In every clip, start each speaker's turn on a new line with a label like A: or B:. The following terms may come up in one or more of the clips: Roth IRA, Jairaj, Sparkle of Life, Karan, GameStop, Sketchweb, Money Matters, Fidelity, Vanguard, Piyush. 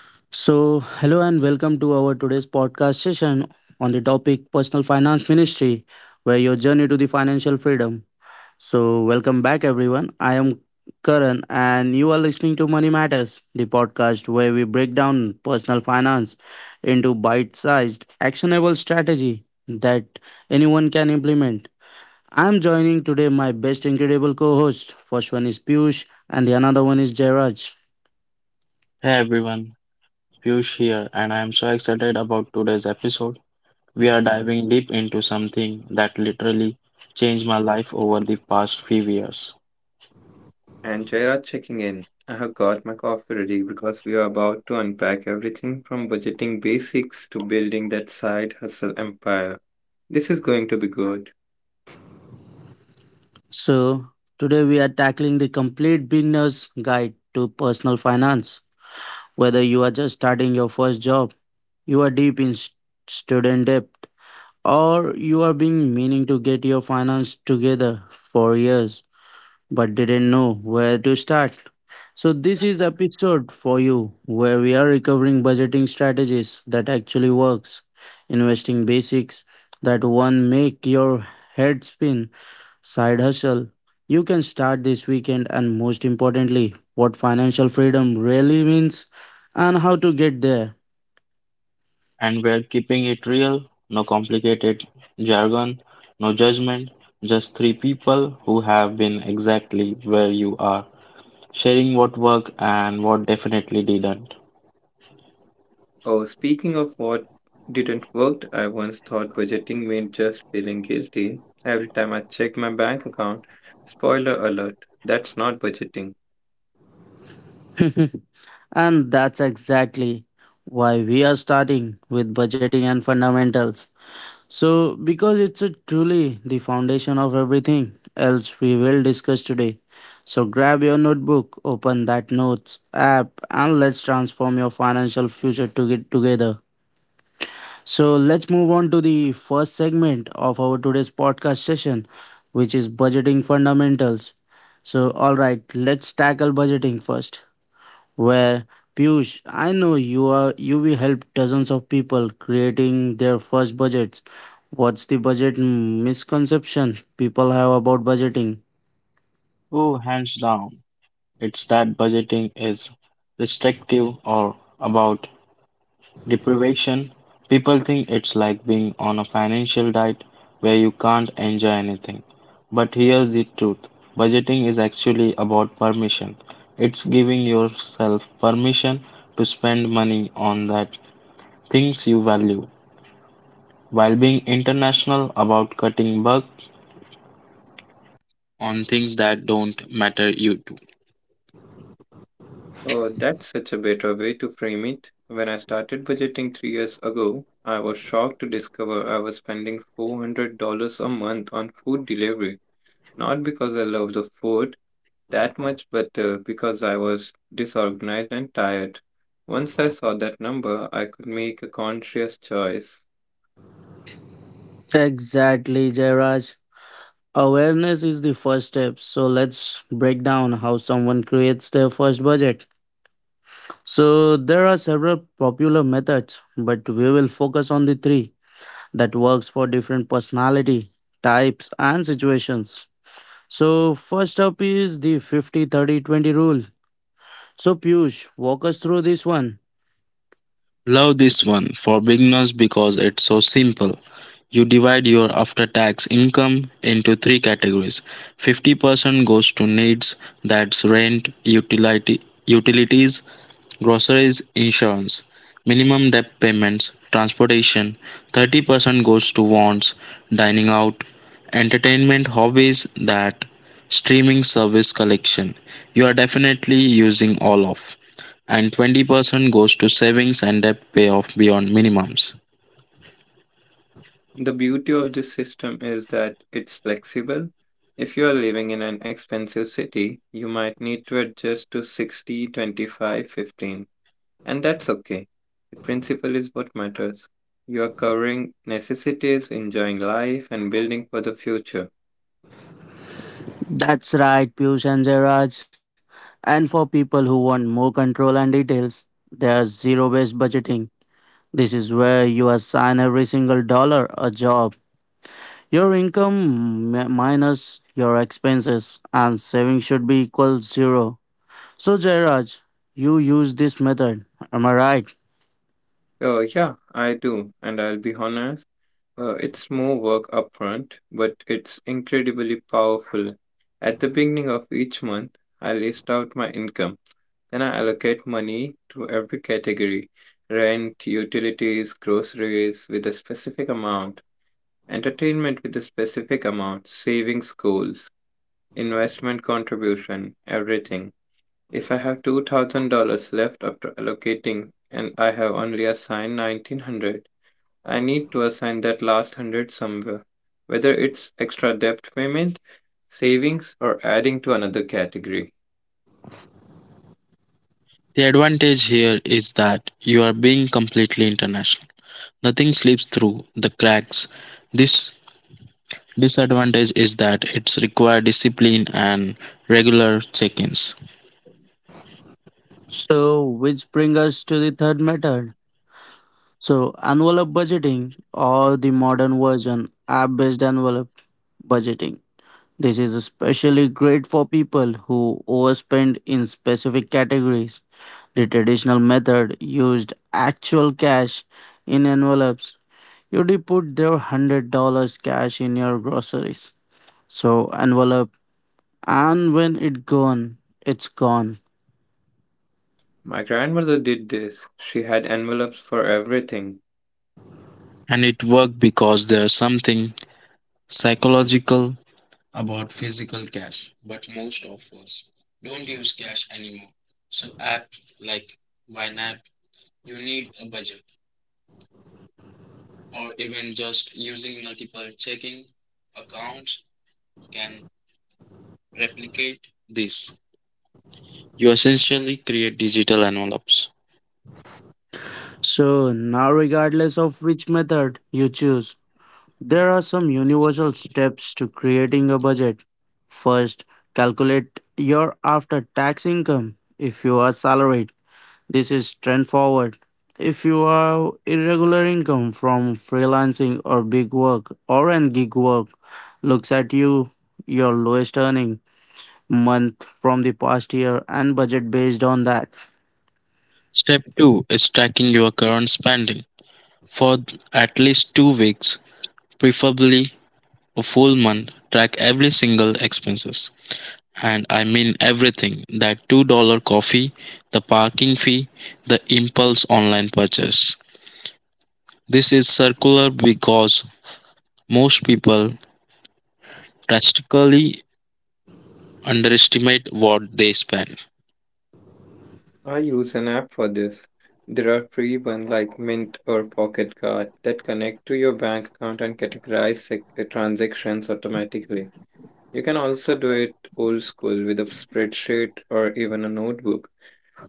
A: So, hello and welcome to our today's podcast session on the topic Personal Finance Ministry, where your journey to the financial freedom. So, welcome back, everyone. I am Karan, and you are listening to Money Matters, the podcast where we break down personal finance into bite sized, actionable strategy that anyone can implement. I am joining today my best incredible co host. First one is Piyush, and the another one is Jairaj.
B: Hey everyone, Piyush here, and I am so excited about today's episode. We are diving deep into something that literally changed my life over the past few years.
C: And Jaya checking in. I have got my coffee ready because we are about to unpack everything from budgeting basics to building that side hustle empire. This is going to be good.
A: So, today we are tackling the complete beginner's guide to personal finance. Whether you are just starting your first job, you are deep in student debt, or you are being meaning to get your finance together for years but didn't know where to start. So this is episode for you where we are recovering budgeting strategies that actually works, investing basics that one make your head spin. Side hustle. You can start this weekend and most importantly, what financial freedom really means and how to get there.
B: And we're keeping it real, no complicated jargon, no judgment, just three people who have been exactly where you are, sharing what worked and what definitely didn't.
C: Oh, speaking of what didn't work, I once thought budgeting meant just feeling guilty every time I checked my bank account. Spoiler alert, that's not budgeting.
A: And that's exactly why we are starting with budgeting and fundamentals. So, because it's a truly the foundation of everything else we will discuss today. So, grab your notebook, open that notes app, and let's transform your financial future to get together. So let's move on to the first segment of our today's podcast session, which is budgeting fundamentals. So, all right, let's tackle budgeting first. Where Piyush, I know you are you will help dozens of people creating their first budgets. What's the budget misconception people have about budgeting?
B: Oh, hands down, it's that budgeting is restrictive or about deprivation. People think it's like being on a financial diet where you can't enjoy anything. But here's the truth. Budgeting is actually about permission. It's giving yourself permission to spend money on that things you value while being international about cutting back on things that don't matter you to.
C: Oh, that's such a better way to frame it. When I started budgeting three years ago, I was shocked to discover I was spending $400 a month on food delivery. Not because I love the food that much, but because I was disorganized and tired. Once I saw that number, I could make a conscious choice.
A: Exactly, Jairaj. Awareness is the first step. So let's break down how someone creates their first budget. So there are several popular methods, but we will focus on the three that works for different personality types and situations. So first up is the 50/30/20 rule. So Piyush, walk us through this one.
B: Love this one for beginners because it's so simple. You divide your after tax income into three categories. 50% goes to needs, that's rent, utilities, groceries, insurance, minimum debt payments, transportation. 30% goes to wants, dining out, entertainment hobbies, that streaming service collection you are definitely using all of, and 20% goes to savings and debt payoff beyond minimums.
C: The beauty of this system is that it's flexible. If you are living in an expensive city, you might need to adjust to 60, 25, 15. And that's okay. The principle is what matters. You are covering necessities, enjoying life, and building for the future.
A: That's right, Piyush and Jairaj. And for people who want more control and details, there's zero-based budgeting. This is where you assign every single dollar a job. Your income minus your expenses and saving should be equal zero. So Jairaj, you use this method. Am I right?
C: Oh, yeah, I do. And I'll be honest, it's more work upfront, but it's incredibly powerful. At the beginning of each month, I list out my income. Then I allocate money to every category: rent, utilities, groceries with a specific amount, entertainment with a specific amount, savings goals. Investment contribution, everything. If I have $2,000 left after allocating and I have only assigned 1900, I need to assign that last 100 somewhere, whether it's extra debt payment, savings, or adding to another category.
B: The advantage here is that you are being completely international. Nothing slips through the cracks. This disadvantage is that it's required discipline and regular check-ins.
A: So which brings us to the third method. So envelope budgeting or the modern version app-based envelope budgeting. This is especially great for people who overspend in specific categories. The traditional method used actual cash in envelopes. You did put their $100 cash in your groceries. So envelope and when it gone, it's gone.
C: My grandmother did this. She had envelopes for everything.
B: And it worked because there's something psychological about physical cash, but most of us don't use cash anymore. So app like YNAB, you need a budget, or even just using multiple checking accounts can replicate this. You essentially create digital envelopes.
A: So now regardless of which method you choose, there are some universal steps to creating a budget. First, calculate your after tax income if you are salaried. This is straightforward. If you have irregular income from freelancing or big work or an gig work, looks at you your lowest earning month from the past year and budget based on that.
B: Step 2 is tracking your current spending. For at least 2 weeks, preferably a full month, track every single expenses. And I mean everything, that $2 coffee, the parking fee, the impulse online purchase. This is circular because most people drastically underestimate what they spend.
C: I use an app for this. There are free ones like Mint or Pocket Card that connect to your bank account and categorize transactions automatically. You can also do it old school with a spreadsheet or even a notebook.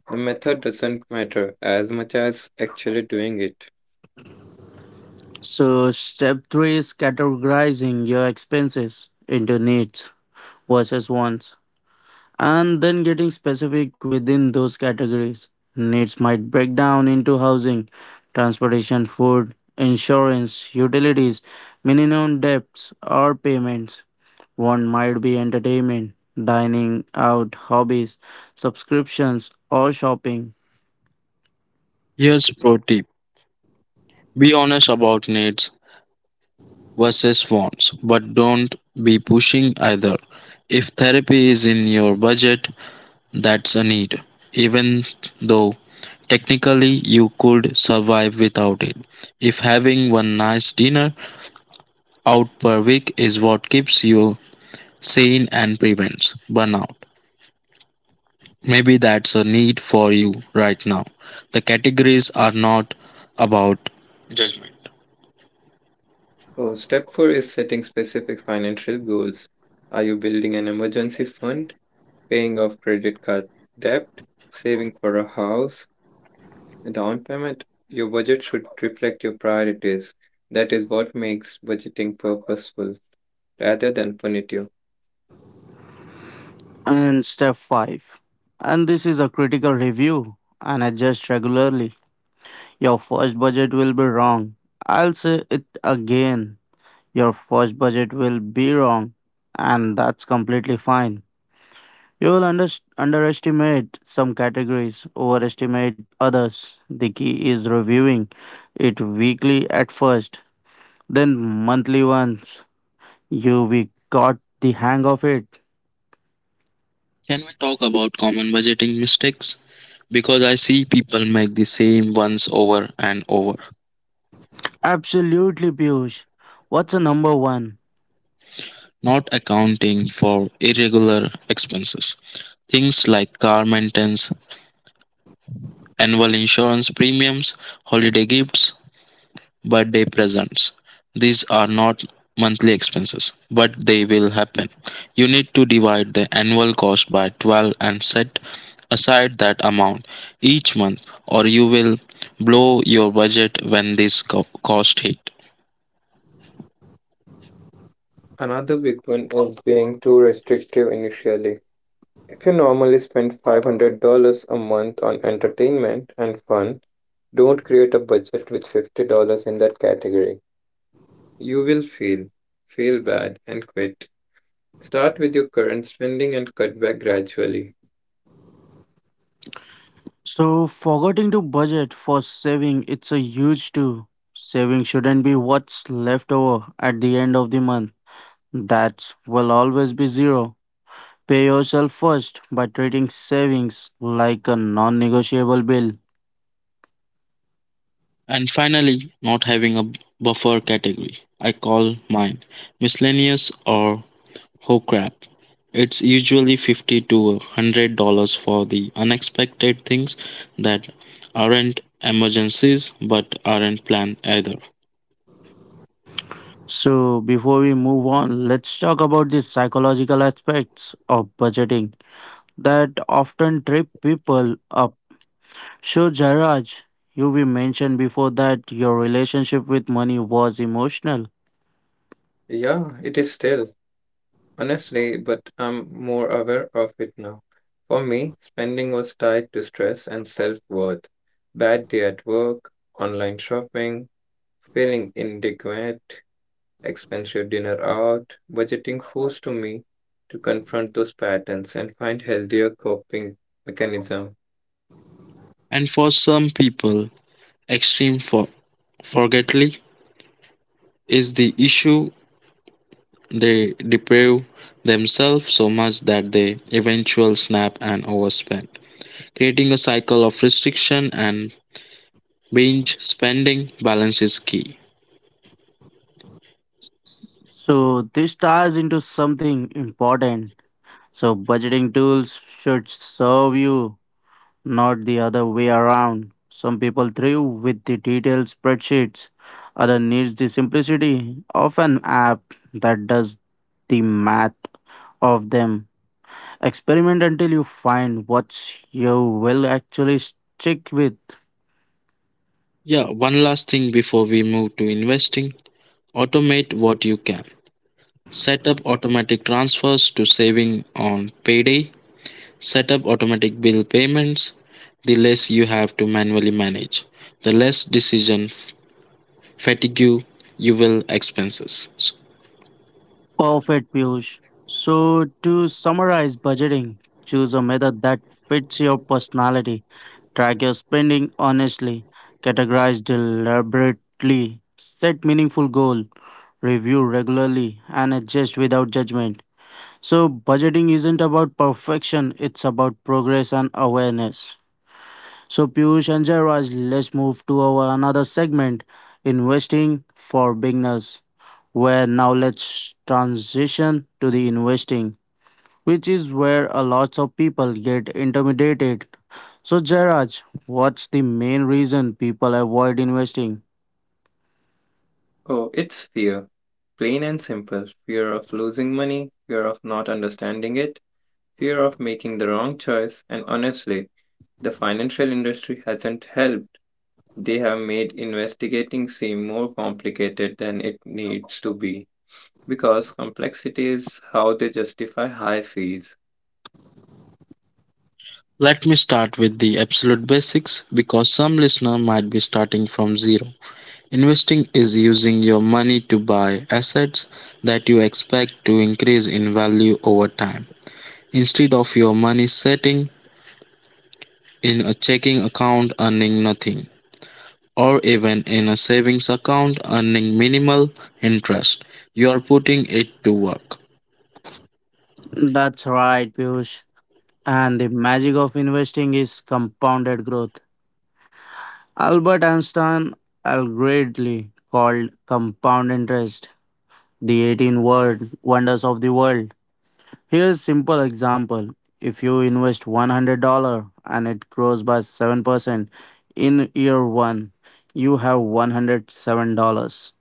C: The method doesn't matter as much as actually doing it.
A: So step 3 is categorizing your expenses into needs versus wants, and then getting specific within those categories. Needs might break down into housing, transportation, food, insurance, utilities, minimum debts, or payments. One might be entertainment, dining out, hobbies, subscriptions, or shopping.
B: Here's a pro tip, be honest about needs versus wants, but don't be pushing either. If therapy is in your budget, that's a need, even though technically you could survive without it. If having one nice dinner out per week is what keeps you sane and prevents burnout, maybe that's a need for you right now. The categories are not about...
C: So, step 4 is setting specific financial goals. Are you building an emergency fund, paying off credit card debt, saving for a house, a down payment? Your budget should reflect your priorities. That is what makes budgeting purposeful rather than punitive.
A: And step 5. And this is a critical review and adjust regularly. Your first budget will be wrong. I'll say it again. Your first budget will be wrong, and that's completely fine. You will underestimate some categories, overestimate others. The key is reviewing it weekly at first, then monthly once you we got the hang of it.
B: Can we talk about common budgeting mistakes? Because I see people make the same ones over and over.
A: Absolutely, Piyush. What's a number one?
B: Not accounting for irregular expenses. Things like car maintenance, annual insurance premiums, holiday gifts, birthday presents. These are not monthly expenses, but they will happen. You need to divide the annual cost by 12 and set aside that amount each month, or you will blow your budget when cost hit.
C: Another big one is being too restrictive initially. If you normally spend $500 a month on entertainment and fun, don't create a budget with $50 in that category. You will feel bad, and quit. Start with your current spending and cut back gradually.
A: So, forgetting to budget for saving, it's a huge two. Saving shouldn't be what's left over at the end of the month. That will always be zero. Pay yourself first by treating savings like a non negotiable bill.
B: And finally, not having a buffer category. I call mine miscellaneous or ho crap. It's usually 50 to $100 for the unexpected things that aren't emergencies but aren't planned either.
A: So, before we move on, let's talk about the psychological aspects of budgeting that often trip people up. So, Jairaj, you we mentioned before that your relationship with money was emotional.
C: Yeah, it is still, honestly, but I'm more aware of it now. For me, spending was tied to stress and self worth. Bad day at work, online shopping, feeling inadequate, expensive dinner out, budgeting forced to me to confront those patterns and find healthier coping mechanism.
B: And for some people, extreme for forgetly is the issue. They deprive themselves so much that they eventually snap and overspend, creating a cycle of restriction and binge spending. Balance is key.
A: So, this ties into something important. So, budgeting tools should serve you not the other way around. Some people thrive with the detailed spreadsheets, others needs the simplicity of an app that does the math of them. Experiment until you find what you will actually stick with.
B: Yeah, one last thing before we move to investing, automate what you can. Set up automatic transfers to saving on payday, set up automatic bill payments. The less you have to manually manage, the less decision fatigue you will expenses. So
A: Perfect, Piyush. So, to summarize budgeting, choose a method that fits your personality. Track your spending honestly. Categorize deliberately. Set meaningful goals review regularly, and adjust without judgment. So, budgeting isn't about perfection, it's about progress and awareness. So, Piyush and Jairaj, let's move to our another segment investing for beginners, where now let's transition to the investing, which is where a lot of people get intimidated. So, Jairaj, what's the main reason people avoid investing?
C: Oh, it's fear. Plain and simple. Fear of losing money, fear of not understanding it, fear of making the wrong choice, and honestly, the financial industry hasn't helped. They have made investigating seem more complicated than it needs to be because complexity is how they justify high fees.
B: let me start with the absolute basics because some listener might be starting from zero. Investing is using your money to buy assets that you expect to increase in value over time, instead of your money sitting in a checking account earning nothing, or even in a savings account earning minimal interest. You are putting it to work.
A: That's right, Piyush. And the magic of investing is compounded growth. Albert Einstein allegedly called compound interest the 18 word wonders of the world. Here's a simple example. If you invest $100 and it grows by 7% in year 1, you have $107.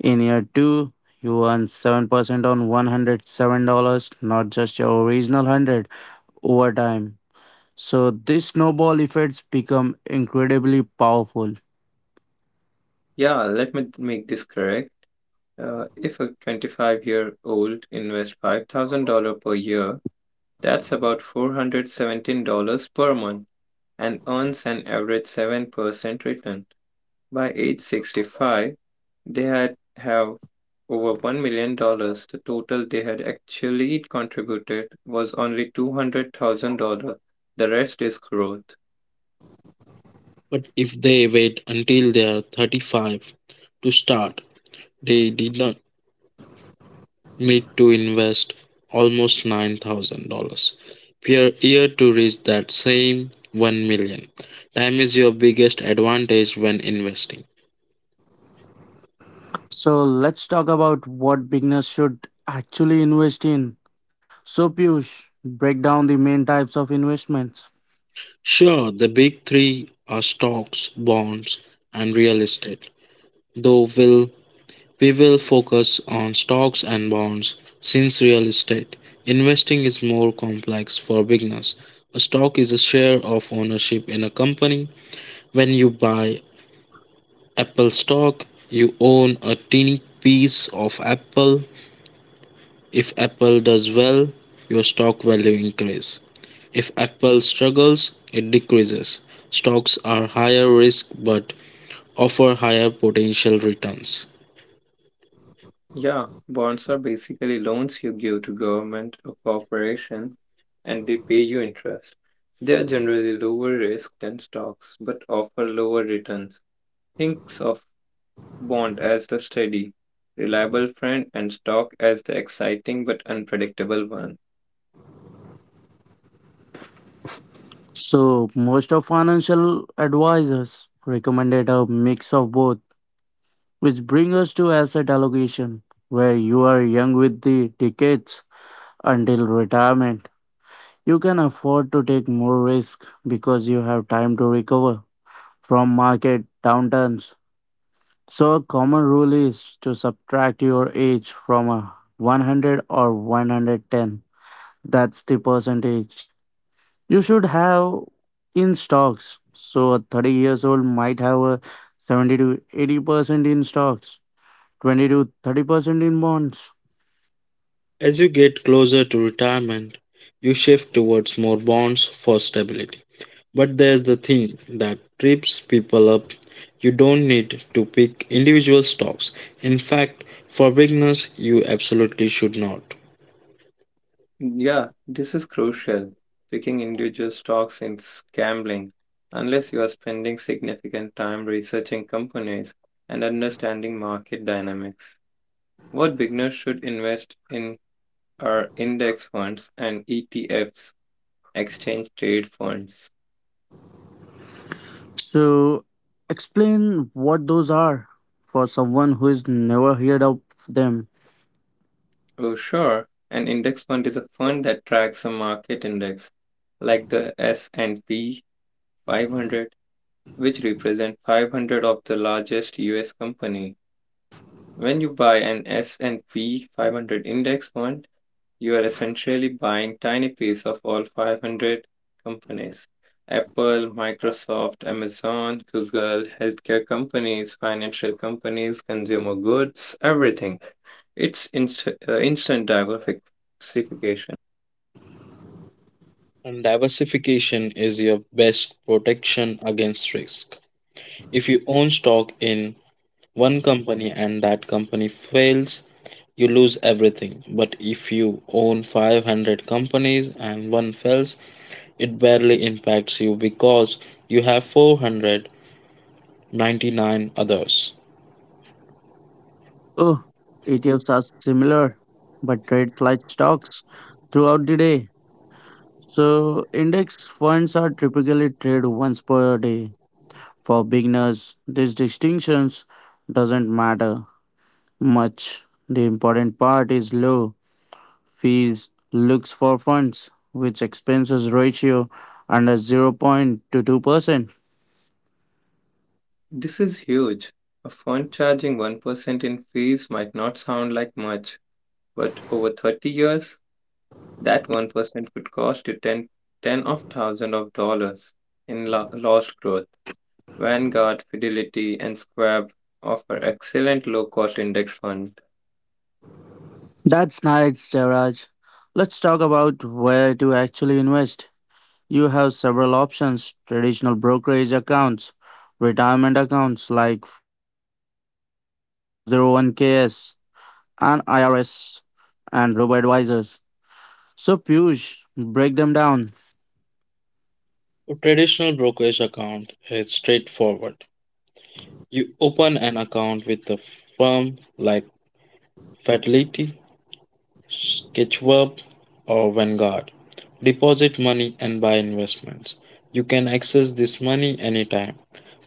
A: In year 2, you earn 7% on $107, not just your original 100 over time. So these snowball effects become incredibly powerful.
C: Yeah, let me make this correct. If a 25-year-old invests $5,000 per year, that's about $417 per month and earns an average 7% return. By age 65, they had have over $1 million. Dollars. The total they had actually contributed was only $200,000. The rest is growth.
B: But if they wait until they are 35 to start, they did not me to invest almost $9,000 per year to reach that same 1 million. Time is your biggest advantage when investing.
A: So let's talk about what beginners should actually invest in. So Piyush, break down the main types of investments.
B: Sure, the big three are stocks, bonds, and real estate. Though we will focus on stocks and bonds since real estate investing is more complex for beginners. A stock is a share of ownership in a company. When you buy Apple stock, you own a teeny piece of Apple. If Apple does well, your stock value increases. If Apple struggles, it decreases. Stocks are higher risk but offer higher potential returns.
C: Yeah, bonds are basically loans you give to government or corporations and they pay you interest. They are generally lower risk than stocks but offer lower returns. Think of bond as the steady, reliable friend and stock as the exciting but unpredictable one.
A: So most of financial advisors recommended a mix of both, which brings us to asset allocation, where you are young with the decades until retirement. You can afford to take more risk because you have time to recover from market downturns. So a common rule is to subtract your age from a 100 or 110. That's the percentage you should have in stocks. So a 30 years old might have a 70 to 80% in stocks, 20 to 30% in bonds.
B: As you get closer to retirement, you shift towards more bonds for stability. But there's the thing that trips people up. You don't need to pick individual stocks. In fact, for beginners, you absolutely should not.
C: Yeah, this is crucial. Picking individual stocks in gambling, unless you are spending significant time researching companies and understanding market dynamics. What beginners should invest in are index funds and ETFs, exchange traded funds.
A: So explain what those are for someone who has never heard of them.
C: Oh, sure. An index fund is a fund that tracks a market index, like the S&P 500, which represent 500 of the largest US company. When you buy an S&P 500 index fund, you are essentially buying tiny piece of all 500 companies. Apple, Microsoft, Amazon, Google, healthcare companies, financial companies, consumer goods, everything. It's instant diversification.
B: And diversification is your best protection against risk. If you own stock in one company and that company fails, you lose everything. But if you own 500 companies and one fails, it barely impacts you because you have 499 others.
A: Oh, ETFs are similar but trade like stocks throughout the day. So, index funds are typically traded once per day. For beginners, these distinctions doesn't matter much. The important part is low fees looks for funds which expenses ratio under 0.22%.
C: This is huge. A fund charging 1% in fees might not sound like much, but over 30 years, that 1% could cost you ten of thousands of dollars in lost growth. Vanguard, Fidelity, and Schwab offer excellent low cost index funds.
A: That's nice, Jairaj. Let's talk about where to actually invest. You have several options traditional brokerage accounts, retirement accounts like 401(k)s, and IRS and robo advisors. So, Piyush, break them down.
B: A traditional brokerage account is straightforward. You open an account with a firm like Fidelity, Sketchverb, or Vanguard, deposit money and buy investments. You can access this money anytime,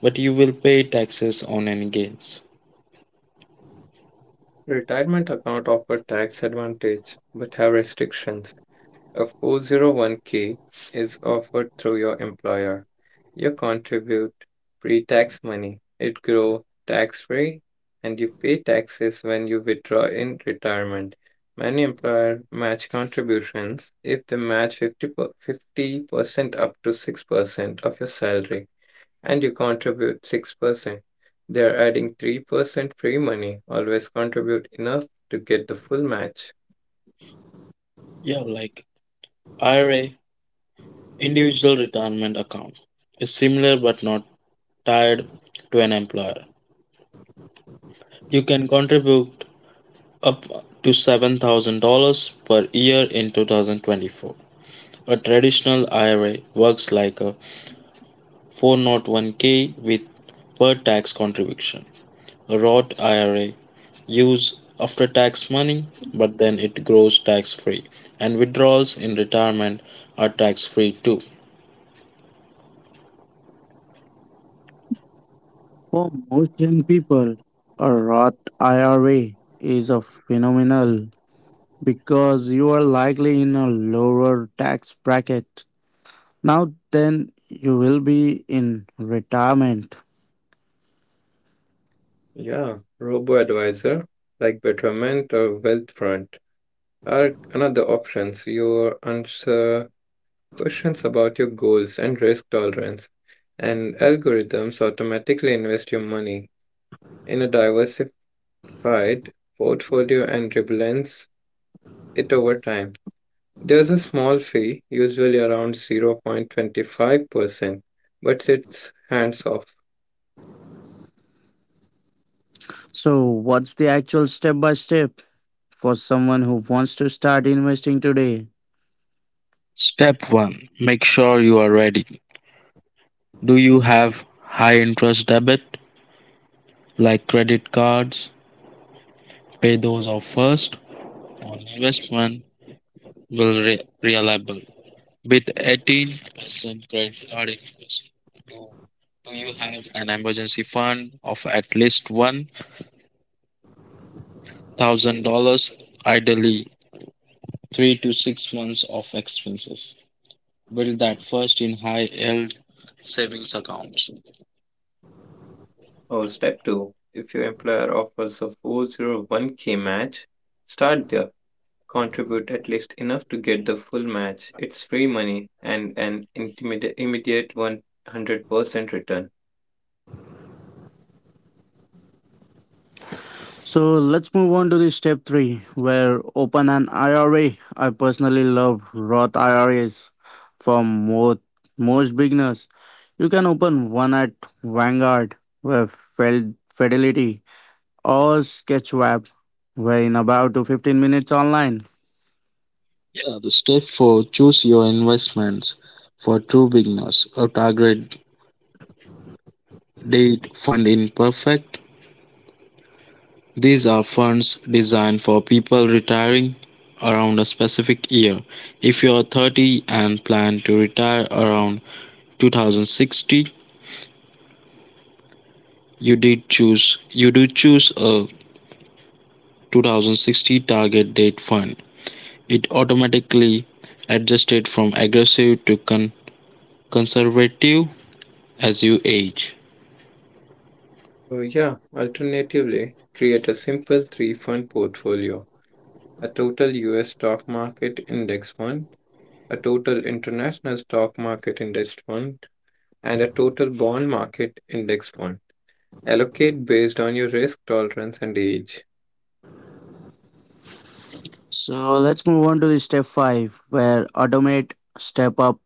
B: but you will pay taxes on any gains.
C: Retirement account offer tax advantage but have restrictions. A 401k is offered through your employer. You contribute pre tax money. It grows tax free and you pay taxes when you withdraw in retirement. Many employers match contributions if they match 50% up to 6% of your salary. And you contribute 6%. They're adding 3% free money. Always contribute enough to get the full match.
B: Yeah, like IRA, individual retirement account, is similar but not tied to an employer. You can contribute up to $7,000 per year in 2024. A traditional IRA works like a 401k with per tax contribution. A Roth IRA use after tax money, but then it grows tax free, and withdrawals in retirement are tax free too.
A: For most young people, a Roth IRA is a phenomenal because you are likely in a lower tax bracket now then you will be in retirement.
C: Yeah, robo-advisor like Betterment or Wealthfront are another options. You answer questions about your goals and risk tolerance, and algorithms automatically invest your money in a diversified portfolio and rebalance it over time. There's a small fee, usually around 0.25%, but it's hands off.
A: So, what's the actual step by step for someone who wants to start investing today?
B: Step 1, make sure you are ready. Do you have high interest debt, like credit cards? Pay those off first. On investment will reliable with 18% credit card interest. Do, do you have an emergency fund of at least $1,000, ideally 3 to 6 months of expenses. Build that first in high yield savings accounts.
C: Oh, step two. If your employer offers a 401k match, start there. Contribute at least enough to get the full match. It's free money and an immediate 100% return.
A: So let's move on to the step three, where open an IRA. I personally love Roth IRAs for most beginners. You can open one at Vanguard where Fidelity or Sketchweb, where in about to 15 minutes online.
B: Yeah, the step four, choose your investments. For true beginners, a target date fund in perfect. These are funds designed for people retiring around a specific year. If you are 30 and plan to retire around 2060, you do choose a 2060 target date fund. It automatically adjusted from aggressive to conservative as you age.
C: Oh, yeah. Alternatively, create a simple three fund portfolio: a total US stock market index fund, a total international stock market index fund, and a total bond market index fund. Allocate based on your risk tolerance and age.
A: So let's move on to the step five, where automate, step up,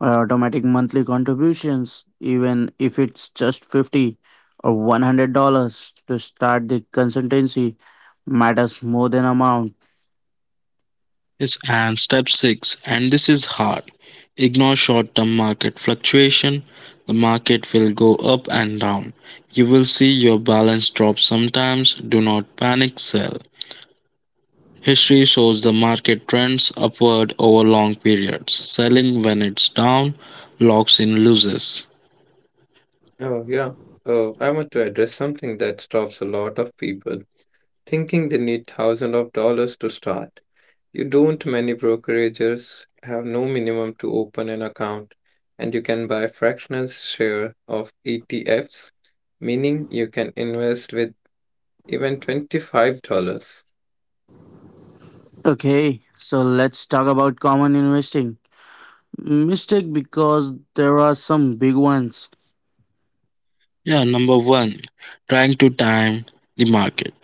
A: automatic monthly contributions, even if it's just 50 or $100 to start the consultancy, matters more than amount.
B: Yes, and step six, and this is hard. Ignore short term market fluctuation. The market will go up and down. You will see your balance drop sometimes. Do not panic sell. History shows the market trends upward over long periods. Selling when it's down locks in losses.
C: Oh, yeah. Oh, I want to address something that stops a lot of people thinking they need thousands of dollars to start. You don't, many brokerages have no minimum to open an account, and you can buy fractional share of ETFs, meaning you can invest with even $25.
A: Okay, so let's talk about common investing mistake because there are some big ones.
B: Yeah, number one, trying to time the market,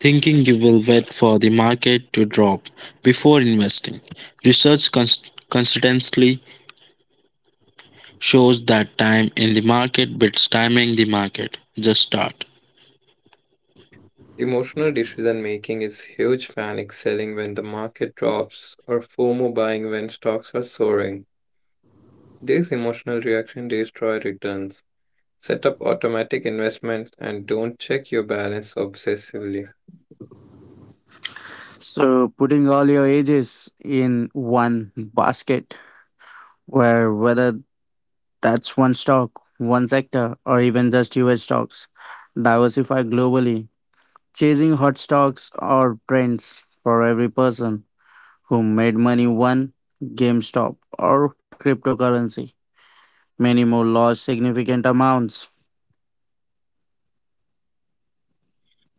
B: thinking you will wait for the market to drop before investing. Research consistently shows that time in the market beats timing the market. Just start.
C: Emotional decision making is huge. Panic selling when the market drops or FOMO buying when stocks are soaring. These emotional reactions destroy returns. Set up automatic investments and don't check your balance obsessively.
A: So putting all your ages in one basket, where whether that's one stock, one sector, or even just US stocks, diversify globally chasing hot stocks or trends for every person who made money won GameStop or cryptocurrency. Many more lost significant amounts.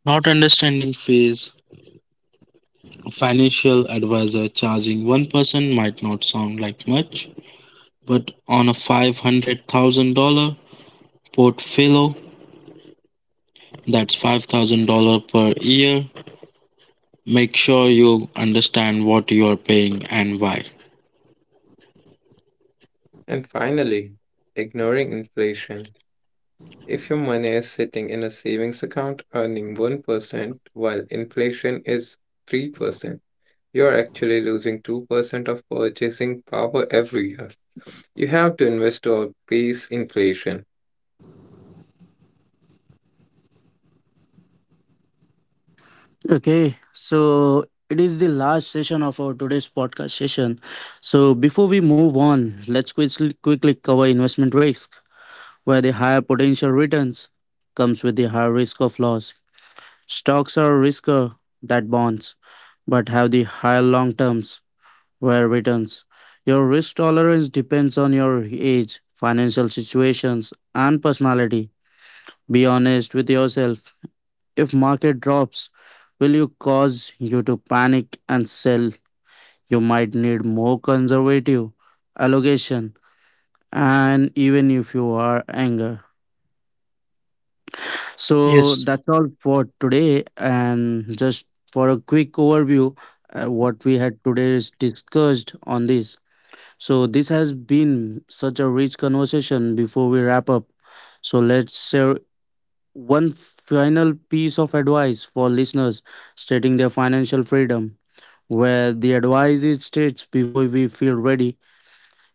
B: Not understanding fees. A financial advisor charging 1% might not sound like much, but on a $500,000 portfolio, that's $5,000 per year. Make sure you understand what you are paying and why.
C: And finally, ignoring inflation. If your money is sitting in a savings account earning 1% while inflation is 3%, you're actually losing 2% of purchasing power every year. You have to invest to outpace inflation.
A: Okay, so it is the last session of our today's podcast session. So before we move on, let's quickly cover investment risk, where the higher potential returns comes with the higher risk of loss. Stocks are riskier than bonds, but have the higher long term were returns. Your risk tolerance depends on your age, financial situations, and personality. Be honest with yourself. If market drops, will you cause you to panic and sell? You might need more conservative allocation and even if you are anger. So
B: Yes.
A: that's all for today and just for a quick overview, what we had today is discussed on this. So this has been such a rich conversation before we wrap up. So let's share one final piece of advice for listeners stating their financial freedom. Where the advice is states before we feel ready,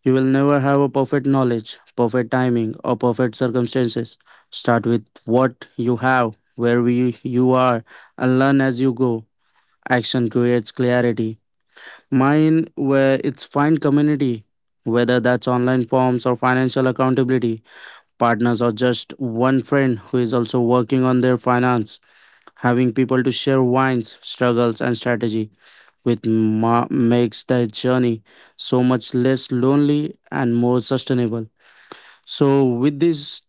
A: you will never have a perfect knowledge, perfect timing, or perfect circumstances. Start with what you have, where we, you are, and learn as you go. Action creates clarity. Mine where it's find community, whether that's online forms or financial accountability, partners or just one friend who is also working on their finance. Having people to share wines, struggles, and strategy with makes that journey so much less lonely and more sustainable. So, with these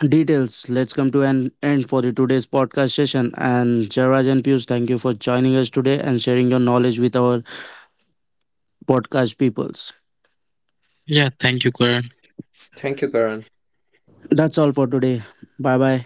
A: details, let's come to an end for the today's podcast session. And Jairaj and Pius, thank you for joining us today and sharing your knowledge with our podcast peoples.
B: Yeah, thank you, Karan.
C: Thank you, Karan.
A: That's all for today. Bye bye.